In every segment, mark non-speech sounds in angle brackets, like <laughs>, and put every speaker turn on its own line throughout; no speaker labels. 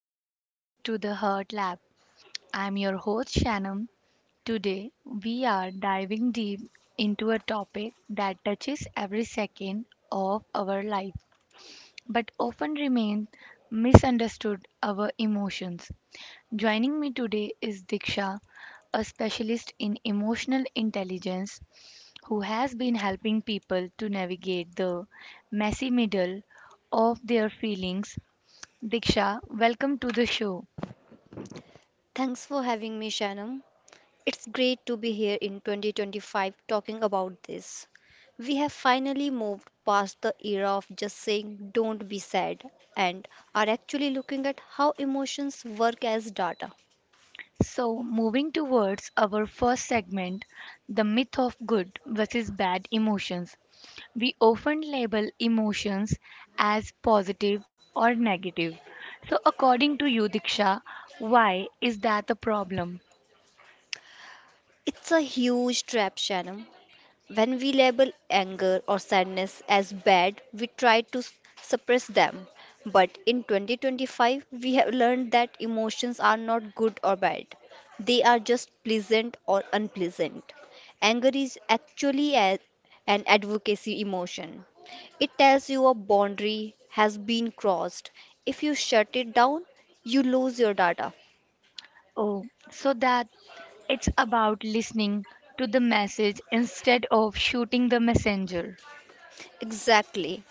welcome back to the Heart Lab. I'm your host, Shannon. Today, we are diving deep into a topic that touches every second of our life but often remains misunderstood our emotions. Joining me today is Diksha, a specialist in emotional intelligence who has been helping people to navigate the messy middle of their feelings. Diksha, welcome to the show.
Thanks for having me, Shannon. It's great to be here in 2025 talking about this. We have finally moved past the era of just saying don't be sad and are actually looking at how emotions work as data.
So, moving towards our first segment, the myth of good versus bad emotions. We often label emotions as positive or negative. So, according to you, Diksha, why is that a problem?
It's a huge trap, Shannon. When we label anger or sadness as bad, we try to s- suppress them. But in 2025, we have learned that emotions are not good or bad. They are just pleasant or unpleasant. Anger is actually a- An advocacy emotion. It tells you a boundary has been crossed. If you shut it down, you lose your data.
Oh, so that it's about listening to the message instead of shooting the messenger.
Exactly.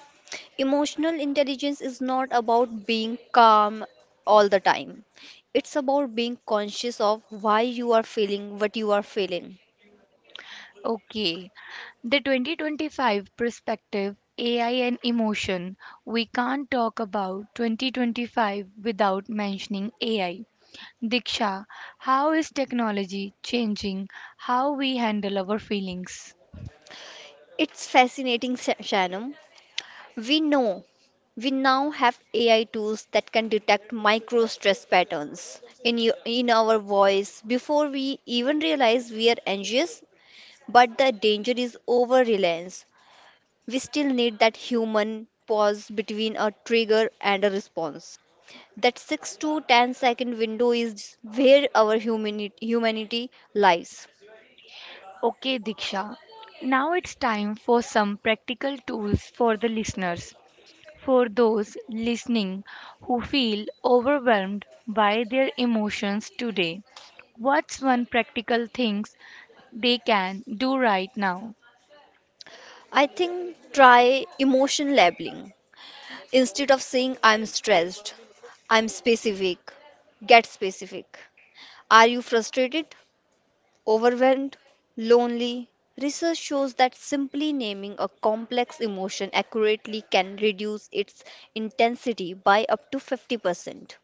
Emotional intelligence is not about being calm all the time. It's about being conscious of why you are feeling what you are feeling.
Okay, the 2025 perspective, AI and emotion. We can't talk about 2025 without mentioning AI. Diksha, how is technology changing how we handle our feelings?
It's fascinating, Shanam. We know we now have AI tools that can detect micro stress patterns in you, in our voice before we even realize we are anxious. But the danger is over reliance. We still need that human pause between a trigger and a response. That 6 to 10 second window is where humanity lies.
Okay, Diksha, now it's time for some practical tools for the listeners. For those listening who feel overwhelmed by their emotions today, what's one practical thing they can do right now?
I think try emotion labeling. Instead of saying I'm stressed, I'm specific. Get specific. Are you frustrated, overwhelmed, lonely? Research shows that simply naming a complex emotion accurately can reduce its intensity by up to 50%.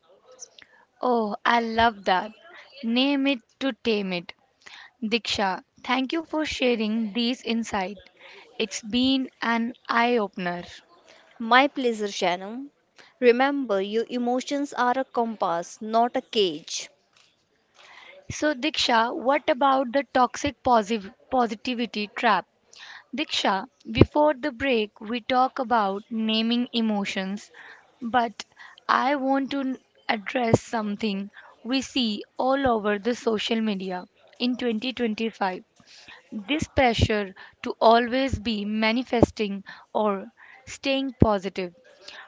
Oh, I love that. Name it to tame it. Diksha, thank you for sharing these insights. It's been an eye opener.
My pleasure, Shannon. Remember, your emotions are a compass, not a cage.
So, Diksha, what about the toxic positivity trap? Diksha, before the break, we talk about naming emotions, but I want to address something we see all over the social media in 2025. This pressure to always be manifesting or staying positive,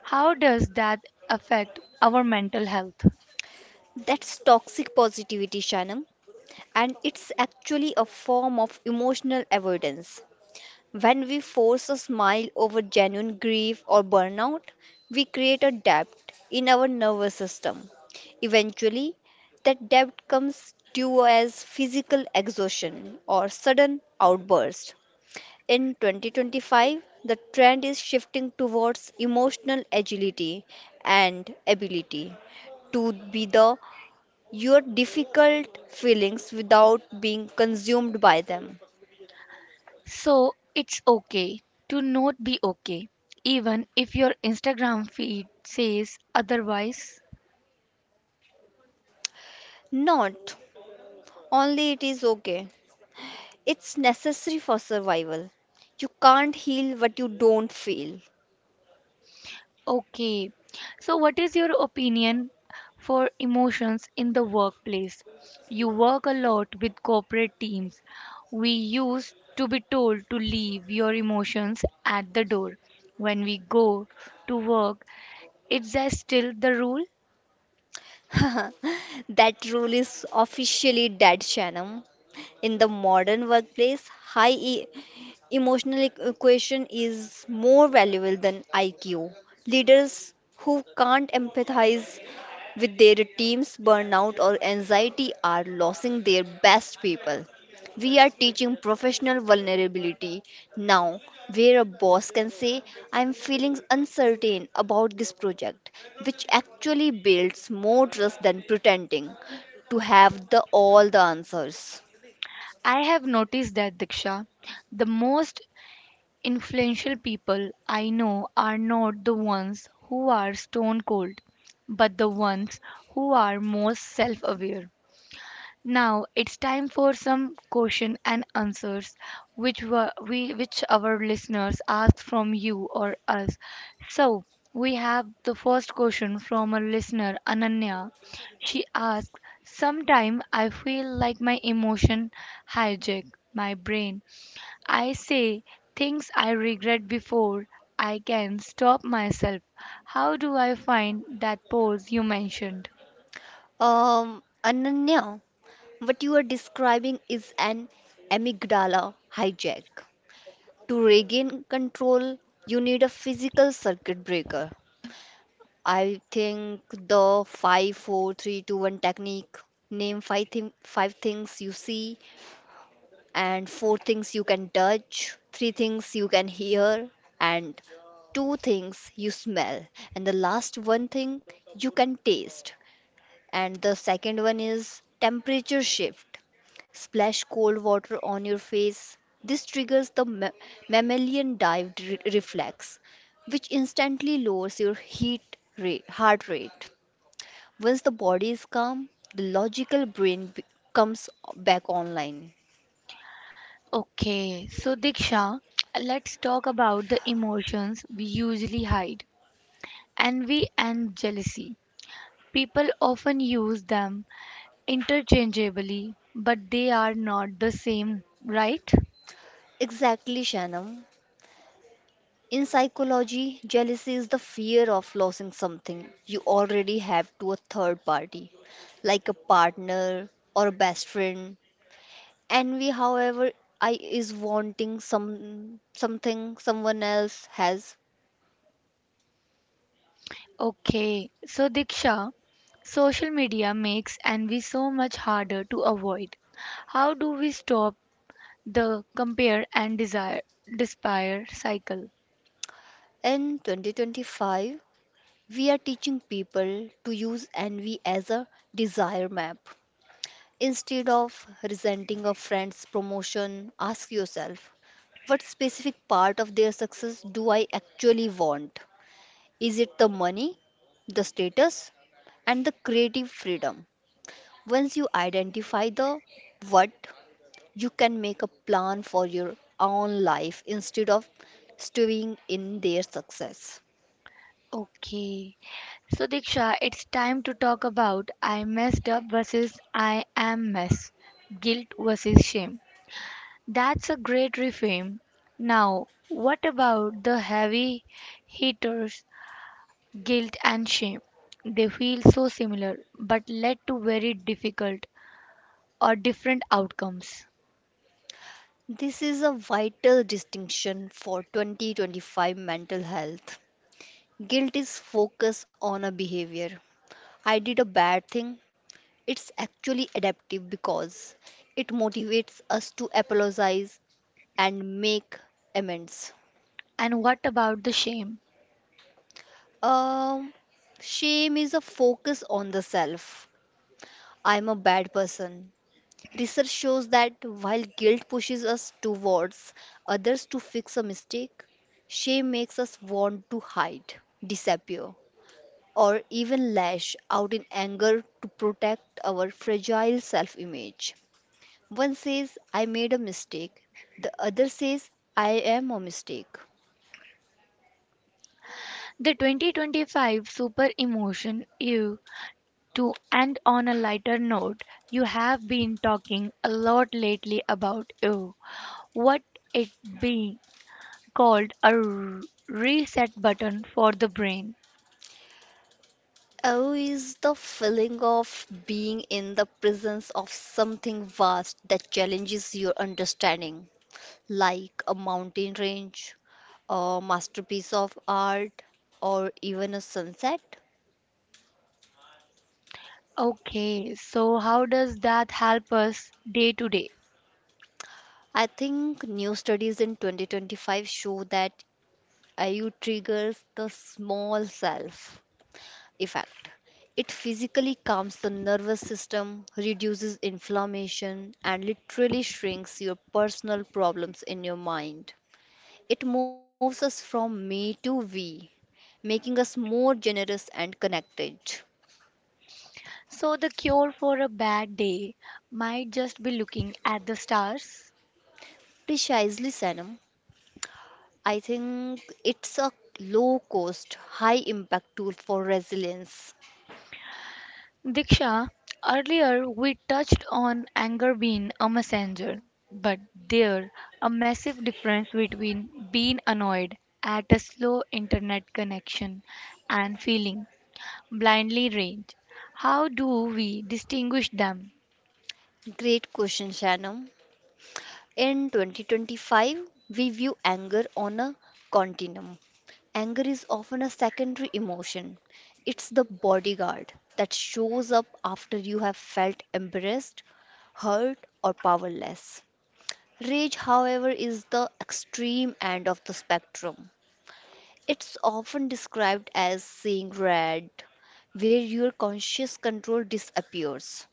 how does that affect our mental health?
That's toxic positivity, Shannon. And it's actually a form of emotional avoidance. When we force a smile over genuine grief or burnout, we create a debt in our nervous system. Eventually, that debt comes due as physical exhaustion or sudden outburst. In 2025, the trend is shifting towards emotional agility and ability to be the your difficult feelings without being consumed by them.
So it's okay to not be okay, even if your Instagram feed says otherwise.
Not only it is okay, it's necessary for survival. You can't heal what you don't feel.
Okay, so what is your opinion for emotions in the workplace? You work a lot with corporate teams. We used to be told to leave your emotions at the door when we go to work. Is that still the rule?
<laughs> That rule is officially dead, Shannon. In the modern workplace, emotional equation is more valuable than IQ. Leaders who can't empathize with their team's burnout or anxiety are losing their best people. We are teaching professional vulnerability now, where a boss can say, I'm feeling uncertain about this project, which actually builds more trust than pretending to have the all the answers.
I have noticed that, Diksha. The most influential people I know are not the ones who are stone cold, but the ones who are most self aware. Now it's time for some question and answers, which were we which our listeners asked from you or us. So we have the first question from a listener, Ananya. She asked, "Sometime I feel like my emotion hijack my brain. I say things I regret before I can stop myself. How do I find that pause you mentioned?"
Ananya, what you are describing is an amygdala hijack. To regain control, you need a physical circuit breaker. I think the five, four, three, two, one technique, name five, thing five things you see, and four things you can touch, three things you can hear, and two things you smell, and the last one thing you can taste. And the second one is temperature shift. Splash cold water on your face. This triggers the mammalian reflex, which instantly lowers your heart rate. Once the body is calm, the logical brain comes back online.
Okay, so Diksha, let's talk about the emotions we usually hide envy and jealousy. People often use them interchangeably, but they are not the same, right?
Exactly, Shanam. In psychology, jealousy is the fear of losing something you already have to a third party, like a partner or a best friend. Envy, however, I is wanting something someone else has.
Okay, so Diksha, social media makes envy so much harder to avoid. How do we stop the compare and desire despair cycle?
In 2025, we are teaching people to use envy as a desire map. Instead of resenting a friend's promotion, ask yourself, what specific part of their success do I actually want? Is it the money, the status, and the creative freedom? Once you identify the what, you can make a plan for your own life instead of stewing in their success.
Okay. So, Diksha, it's time to talk about I messed up versus I am mess, guilt versus shame. That's a great reframe. Now, what about the heavy hitters, guilt and shame? They feel so similar but led to very difficult or different outcomes.
This is a vital distinction for 2025 mental health. Guilt is focus on a behavior. I did a bad thing. It's actually adaptive because it motivates us to apologize and make amends.
And what about the shame?
Um, Shame is a focus on the self. I'm a bad person. Research shows that while guilt pushes us towards others to fix a mistake, shame makes us want to hide, disappear, or even lash out in anger to protect our fragile self image. One says, I made a mistake, the other says, I am a mistake.
The 2025 super emotion, ew. To end on a lighter note, you have been talking a lot lately about what it being called a reset button for the brain.
Oh, is the feeling of being in the presence of something vast that challenges your understanding, like a mountain range, a masterpiece of art, or even a sunset?
Okay, so how does that help us day to day?
I think new studies in 2025 show that IU triggers the small self effect. It physically calms the nervous system, reduces inflammation, and literally shrinks your personal problems in your mind. It moves us from me to we, making us more generous and connected.
So the cure for a bad day might just be looking at the stars.
Precisely, Sanam. I think it's a low cost, high impact tool for resilience.
Diksha, earlier we touched on anger being a messenger, but there a massive difference between being annoyed at a slow internet connection and feeling blindly rage. How do we distinguish them?
Great question, Shannon. In 2025, we view anger on a continuum. Anger is often a secondary emotion. It's the bodyguard that shows up after you have felt embarrassed, hurt, or powerless. Rage, however, is the extreme end of the spectrum. It's often described as seeing red, where your conscious control disappears.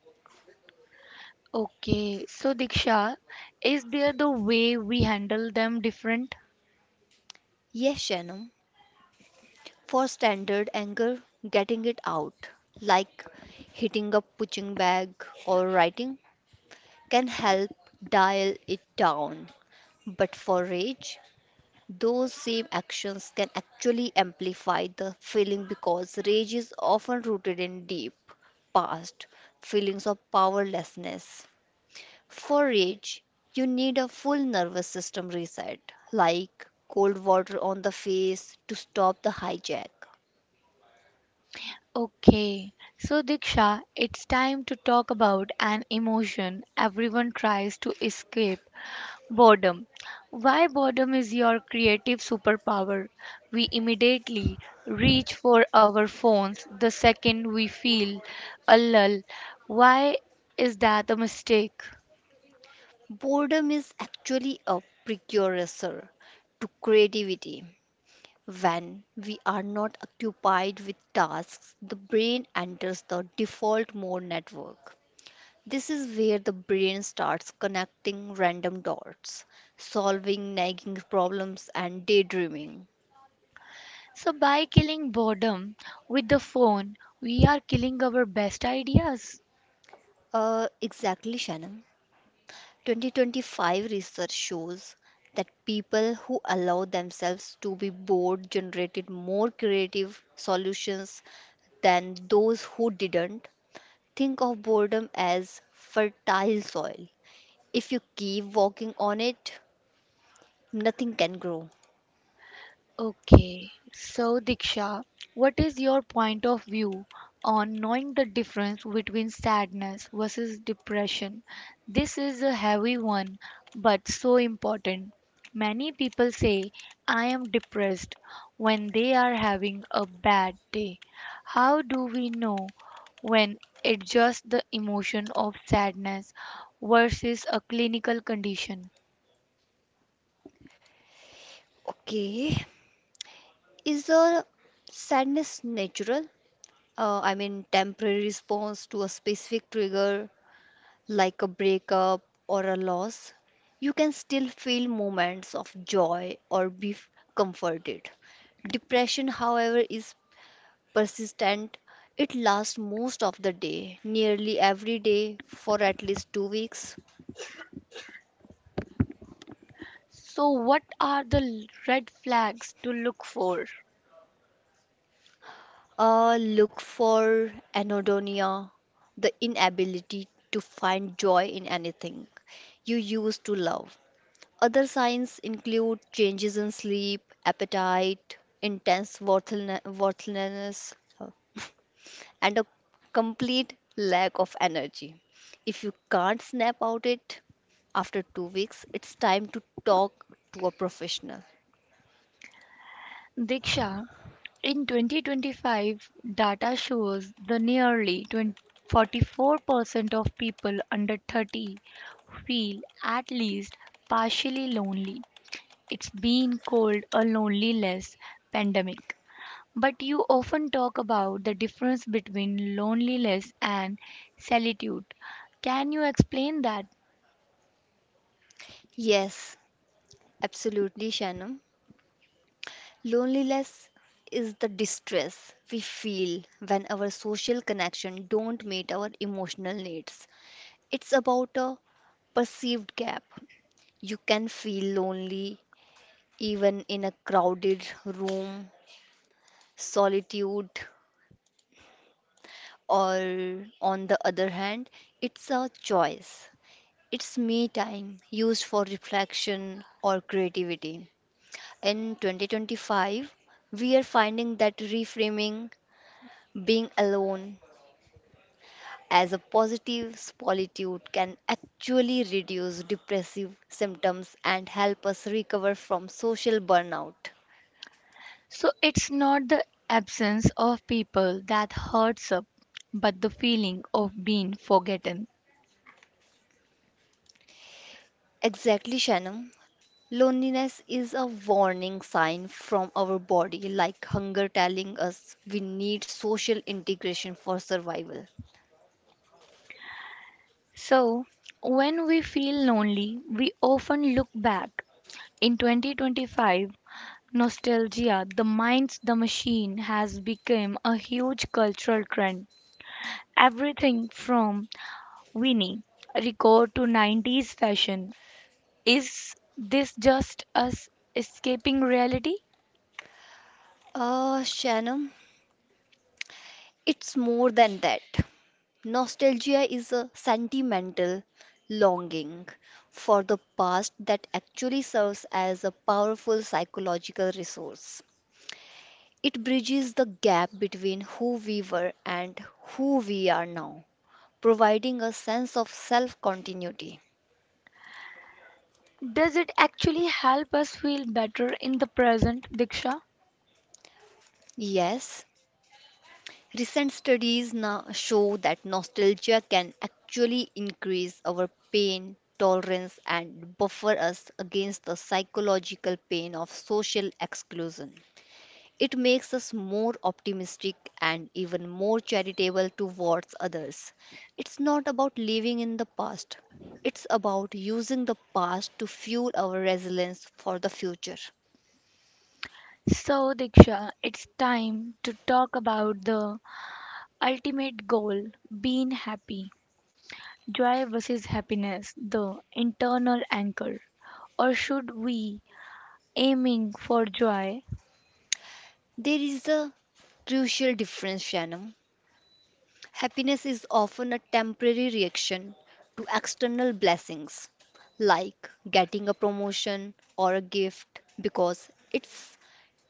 Okay, so Diksha, is there the way we handle them different?
Yes, Shannon, for standard anger, getting it out, like hitting a punching bag or writing, can help dial it down. But for rage, those same actions can actually amplify the feeling because rage is often rooted in deep, past feelings of powerlessness. For rage, you need a full nervous system reset, like cold water on the face to stop the hijack.
Okay, so Diksha, it's time to talk about an emotion everyone tries to escape boredom. Why boredom is your creative superpower? We immediately reach for our phones the second we feel a lull. Why is that a mistake?
Boredom is actually a precursor to creativity. When we are not occupied with tasks, the brain enters the default mode network. This is where the brain starts connecting random dots, solving nagging problems, and daydreaming.
So, by killing boredom with the phone, we are killing our best ideas.
Exactly, Shannon. 2025 research shows that people who allow themselves to be bored generated more creative solutions than those who didn't. Think of boredom as fertile soil. If you keep walking on it, nothing can grow.
Okay, so Diksha, what is your point of view on knowing the difference between sadness versus depression? This is a heavy one, but so important. Many people say, I am depressed when they are having a bad day. How do we know when it's just the emotion of sadness versus a clinical condition?
Okay, is a sadness natural? I mean, temporary response to a specific trigger like a breakup or a loss, you can still feel moments of joy or be comforted. Depression, however, is persistent. It lasts most of the day, nearly every day, for at least 2 weeks.
So, what are the red flags to look for?
Look for anhedonia, the inability to find joy in anything you used to love. Other signs include changes in sleep, appetite, intense worthlessness, uh, <laughs> and a complete lack of energy. If you can't snap out it after 2 weeks, it's time to talk to a professional.
Diksha, in 2025, data shows the nearly 20 44% of people under 30 feel at least partially lonely. It's been called a loneliness pandemic. But you often talk about the difference between loneliness and solitude. Can you explain that?
Yes, absolutely, Shannon. Loneliness is the distress we feel when our social connection don't meet our emotional needs. It's about a perceived gap. You can feel lonely even in a crowded room, solitude, or on the other hand, it's a choice. It's me time used for reflection or creativity. In 2025, we are finding that reframing being alone as a positive solitude can actually reduce depressive symptoms and help us recover from social burnout.
So it's not the absence of people that hurts up, but the feeling of being forgotten.
Exactly, Shannon. Loneliness is a warning sign from our body, like hunger telling us we need social integration for survival.
So, when we feel lonely, we often look back. In 2025, nostalgia, the mind's the machine, has become a huge cultural trend. Everything from Winnie record to 90s fashion. Is this just us escaping reality?
Shannon, it's more than that. Nostalgia is a sentimental longing for the past that actually serves as a powerful psychological resource. It bridges the gap between who we were and who we are now, providing a sense of self continuity.
Does it actually help us feel better in the present, Diksha?
Yes, recent studies now show that nostalgia can actually increase our pain tolerance and buffer us against the psychological pain of social exclusion. It makes us more optimistic and even more charitable towards others. It's not about living in the past, it's about using the past to fuel our resilience for the future.
So, Diksha, it's time to talk about the ultimate goal being happy, joy versus happiness, the internal anchor, or should we aiming for joy?
There is a crucial difference, Shannon. Happiness is often a temporary reaction to external blessings, like getting a promotion or a gift, because it's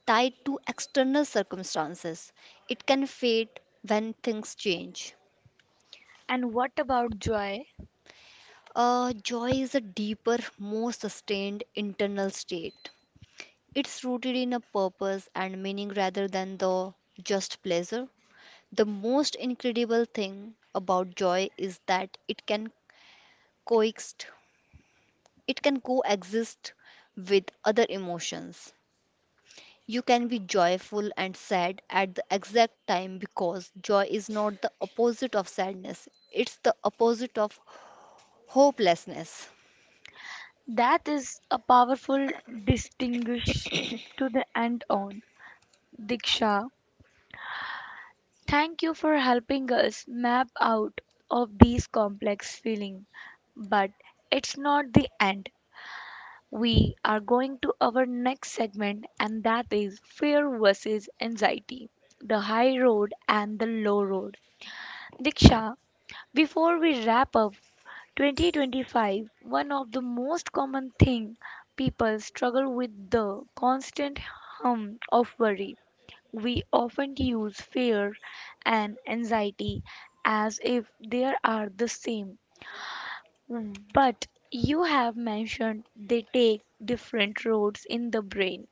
tied to external circumstances. It can fade when things change.
And what about joy?
Joy is a deeper, more sustained internal state. It's rooted in a purpose and meaning rather than the just pleasure. The most incredible thing about joy is that it can coexist It can coexist with other emotions. You can be joyful and sad at the exact time because joy is not the opposite of sadness, it's the opposite of hopelessness.
That is a powerful distinguish. To the end on Diksha, thank you for helping us map out of these complex feeling, but it's not the end. We are going to our next segment, and that is fear versus anxiety, the high road and the low road. Diksha, before we wrap up 2025, one of the most common thing people struggle with the constant hum of worry. We often use fear and anxiety as if they are the same. Mm. But you have mentioned they take different roads in the brain.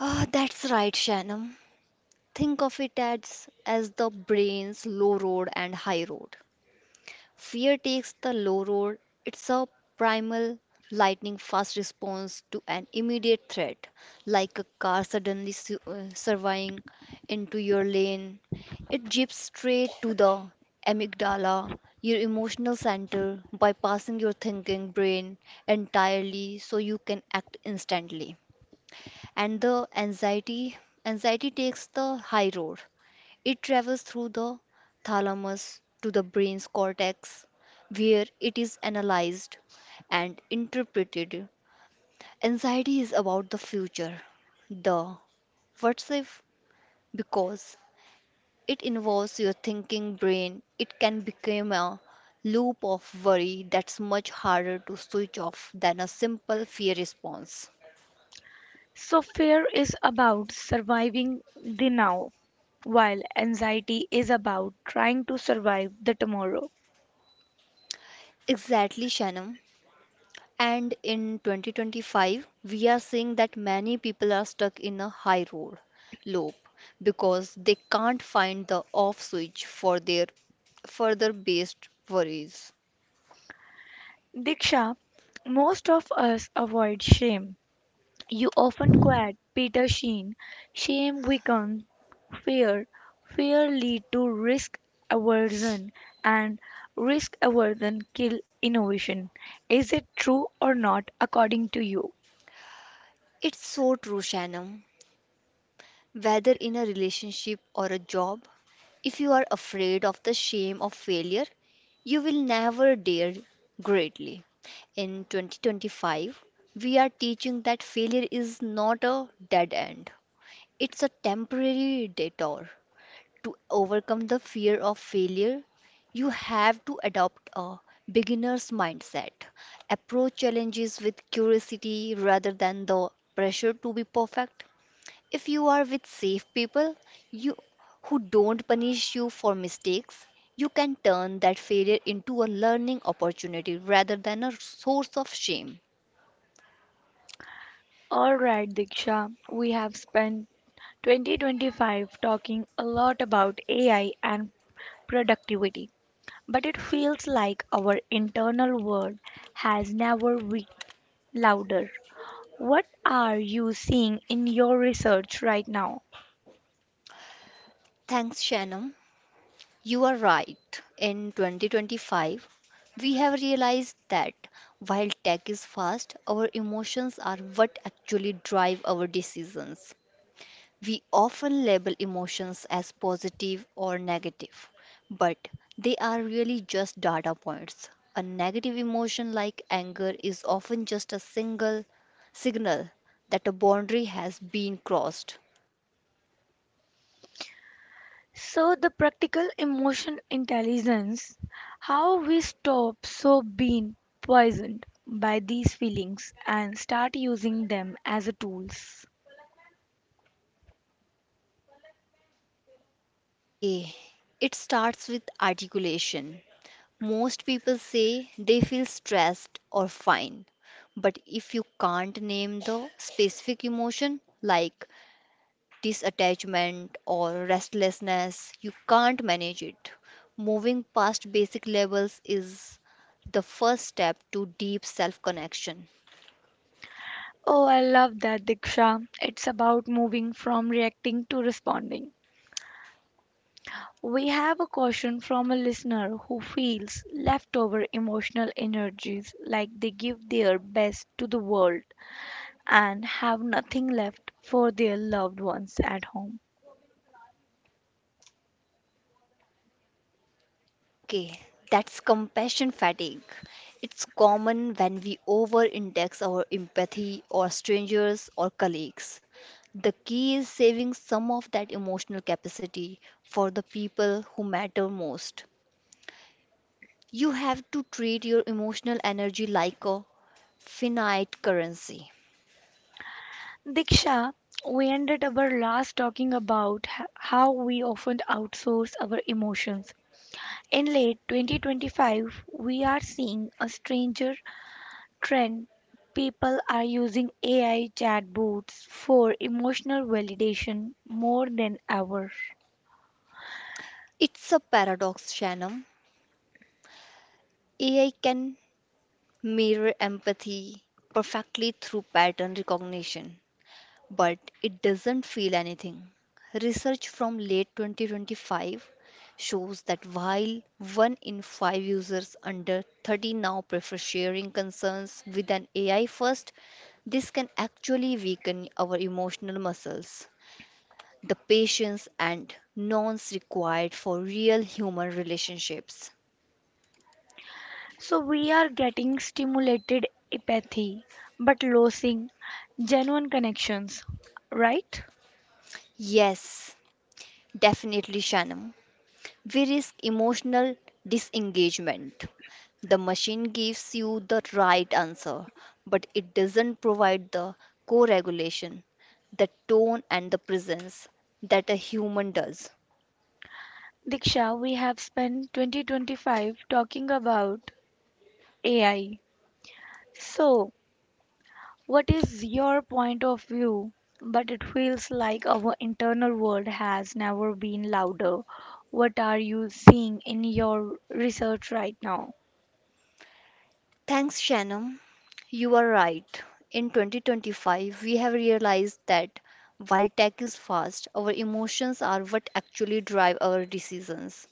Ah, that's right, Shannon. Think of it as the brain's low road and high road. Fear takes the low road. It's a primal, lightning fast response to an immediate threat, like a car suddenly surveying into your lane. It jeeps straight to the amygdala, your emotional center, bypassing your thinking brain entirely so you can act instantly. And the anxiety takes the high road. It travels through the thalamus to the brain's cortex, where it is analyzed and interpreted. Anxiety is about the future, the what's if, because it involves your thinking brain. It can become a loop of worry that's much harder to switch off than a simple fear response.
So fear is about surviving the now, while anxiety is about trying to survive the tomorrow.
Exactly, Shannon. And in 2025, we are seeing that many people are stuck in a high road loop because they can't find the off switch for their further based worries.
Diksha, most of us avoid shame. You often quote Peter Sheen, shame weakens fear, fear lead to risk aversion, and risk aversion kill innovation. Is it true or not according to you?
It's so true, Shannon. Whether in a relationship or a job, if you are afraid of the shame of failure, you will never dare greatly. In 2025, we are teaching that failure is not a dead end. It's a temporary detour. To overcome the fear of failure, you have to adopt a beginner's mindset. Approach challenges with curiosity rather than the pressure to be perfect. If you are with safe people you, who don't punish you for mistakes, you can turn that failure into a learning opportunity rather than a source of shame.
All right, Diksha, we have spent 2025 talking a lot about AI and productivity, but it feels like our internal world has never been louder. What are you seeing in your research right now?
Thanks, Shannon. You are right. In 2025, we have realized that while tech is fast, our emotions are what actually drive our decisions. We often label emotions as positive or negative, but they are really just data points. A negative emotion like anger is often just a single signal that a boundary has been crossed.
So, the practical emotion intelligence, how we stop so being poisoned by these feelings and start using them as a tools.
Okay, it starts with articulation. Most people say they feel stressed or fine, but if you can't name the specific emotion like disattachment or restlessness, you can't manage it. Moving past basic levels is the first step to deep self connection.
Oh, I love that, Diksha. It's about moving from reacting to responding. We have a question from a listener who feels leftover emotional energies like they give their best to the world and have nothing left for their loved ones at home.
Okay, that's compassion fatigue. It's common when we over index our empathy or strangers or colleagues. The key is saving some of that emotional capacity for the people who matter most. You have to treat your emotional energy like a finite currency.
Diksha, we ended our last talking about how we often outsource our emotions. In late 2025, we are seeing a stranger trend. People are using AI chatbots for emotional validation more than ever.
It's a paradox, Shannon. AI can mirror empathy perfectly through pattern recognition, but it doesn't feel anything. Research from late 2025 shows that while one in five users under 30 now prefer sharing concerns with an AI first, this can actually weaken our emotional muscles, the patience and nuance required for real human relationships.
So we are getting stimulated empathy but losing genuine connections, right?
Yes, definitely, Shannon. We risk emotional disengagement. The machine gives you the right answer, but it doesn't provide the co regulation, the tone, and the presence that a human does.
Diksha, we have spent 2025 talking about AI. So, what is your point of view? But it feels like our internal world has never been louder. What are you seeing in your research right now?
Thanks, Shannon. You are right. In 2025, we have realized that while tech is fast, our emotions are what actually drive our decisions.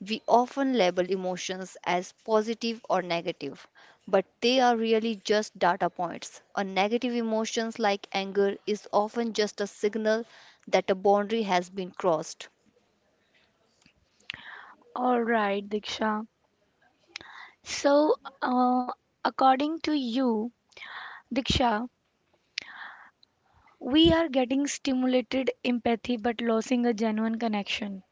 We often label emotions as positive or negative, but they are really just data points. A negative emotions like anger is often just a signal that a boundary has been crossed.
All right, Diksha. So, uh, according to you, Diksha, we are getting stimulated empathy but losing a genuine connection.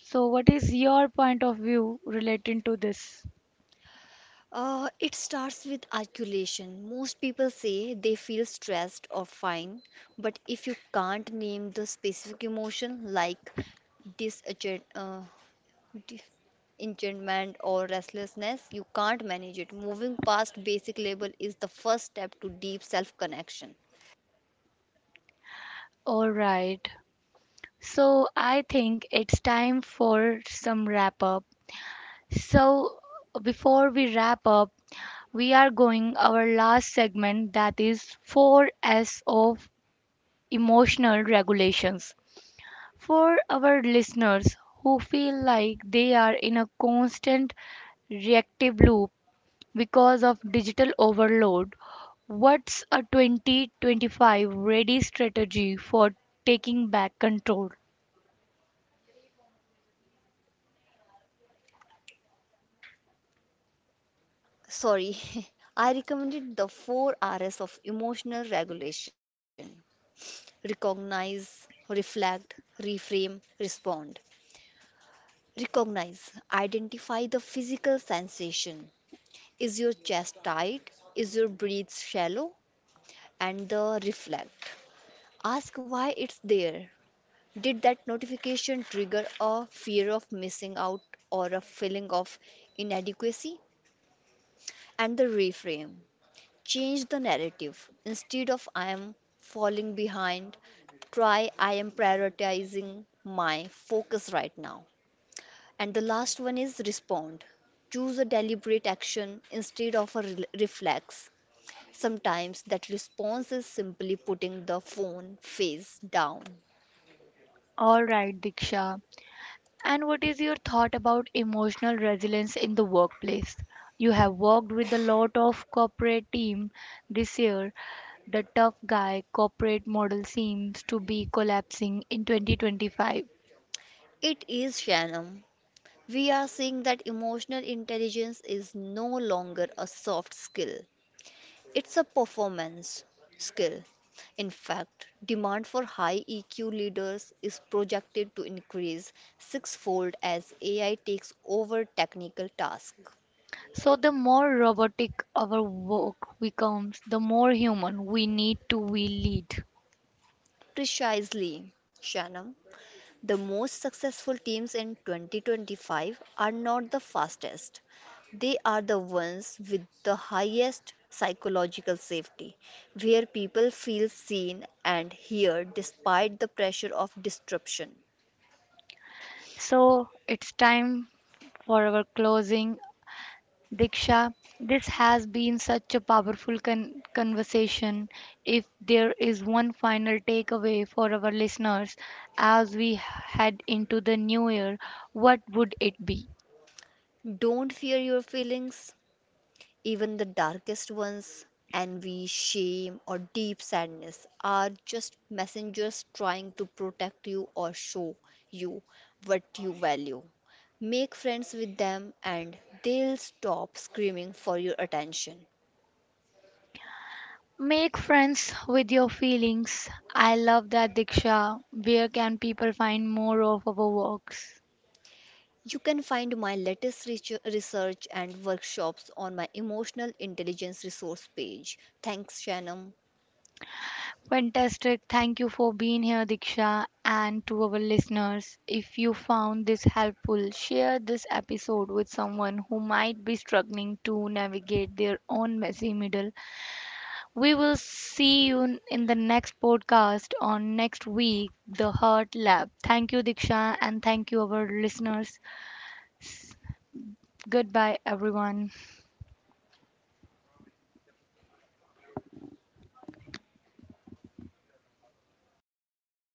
So, what is your point of view relating to this?
It starts with articulation. Most people say they feel stressed or fine, but if you can't name the specific emotion like disenchant, uh, di- enchantment or restlessness, you can't manage it. Moving past basic label is the first step to deep self connection.
All right. So I think it's time for some wrap up. So before we wrap up, we are going our last segment that is four S of emotional regulations. For our listeners who feel like they are in a constant reactive loop because of digital overload, what's a 2025 ready strategy for taking back control?
Sorry, <laughs> I recommended the four R's of emotional regulation: recognize, reflect, reframe, respond. Recognize, identify the physical sensation. Is your chest tight? Is your breath shallow? And the reflect. Ask why it's there. Did that notification trigger a fear of missing out or a feeling of inadequacy? And the reframe. Change the narrative. Instead of I am falling behind, try I am prioritizing my focus right now. And the last one is respond. Choose a deliberate action instead of a reflex. Sometimes that response is simply putting the phone face down.
All right, Diksha. And what is your thought about emotional resilience in the workplace? You have worked with a lot of corporate team this year. The tough guy corporate model seems to be collapsing in 2025.
It is, Shannon. We are seeing that emotional intelligence is no longer a soft skill, it's a performance skill. In fact, demand for high EQ leaders is projected to increase sixfold as AI takes over technical tasks.
So the more robotic our work becomes, the more human we need to we lead.
Precisely, Shannon. The most successful teams in 2025 are not the fastest. They are the ones with the highest psychological safety, where people feel seen and heard despite the pressure of disruption.
So it's time for our closing. Diksha, this has been such a powerful conversation. If there is one final takeaway for our listeners as we head into the new year, what would it be?
Don't fear your feelings, even the darkest ones. Envy, shame, or deep sadness are just messengers trying to protect you or show you what you value. Make friends with them and they'll stop screaming for your attention.
Make friends with your feelings. I love that, Diksha. Where can people find more of our works?
You can find my latest research and workshops on my emotional intelligence resource page. Thanks, Shannon.
Fantastic. Thank you for being here, Diksha, and to our listeners. If you found this helpful, share this episode with someone who might be struggling to navigate their own messy middle. We will see you in the next podcast on next week, The Heart Lab. Thank you, Diksha, and thank you, our listeners. Goodbye, everyone.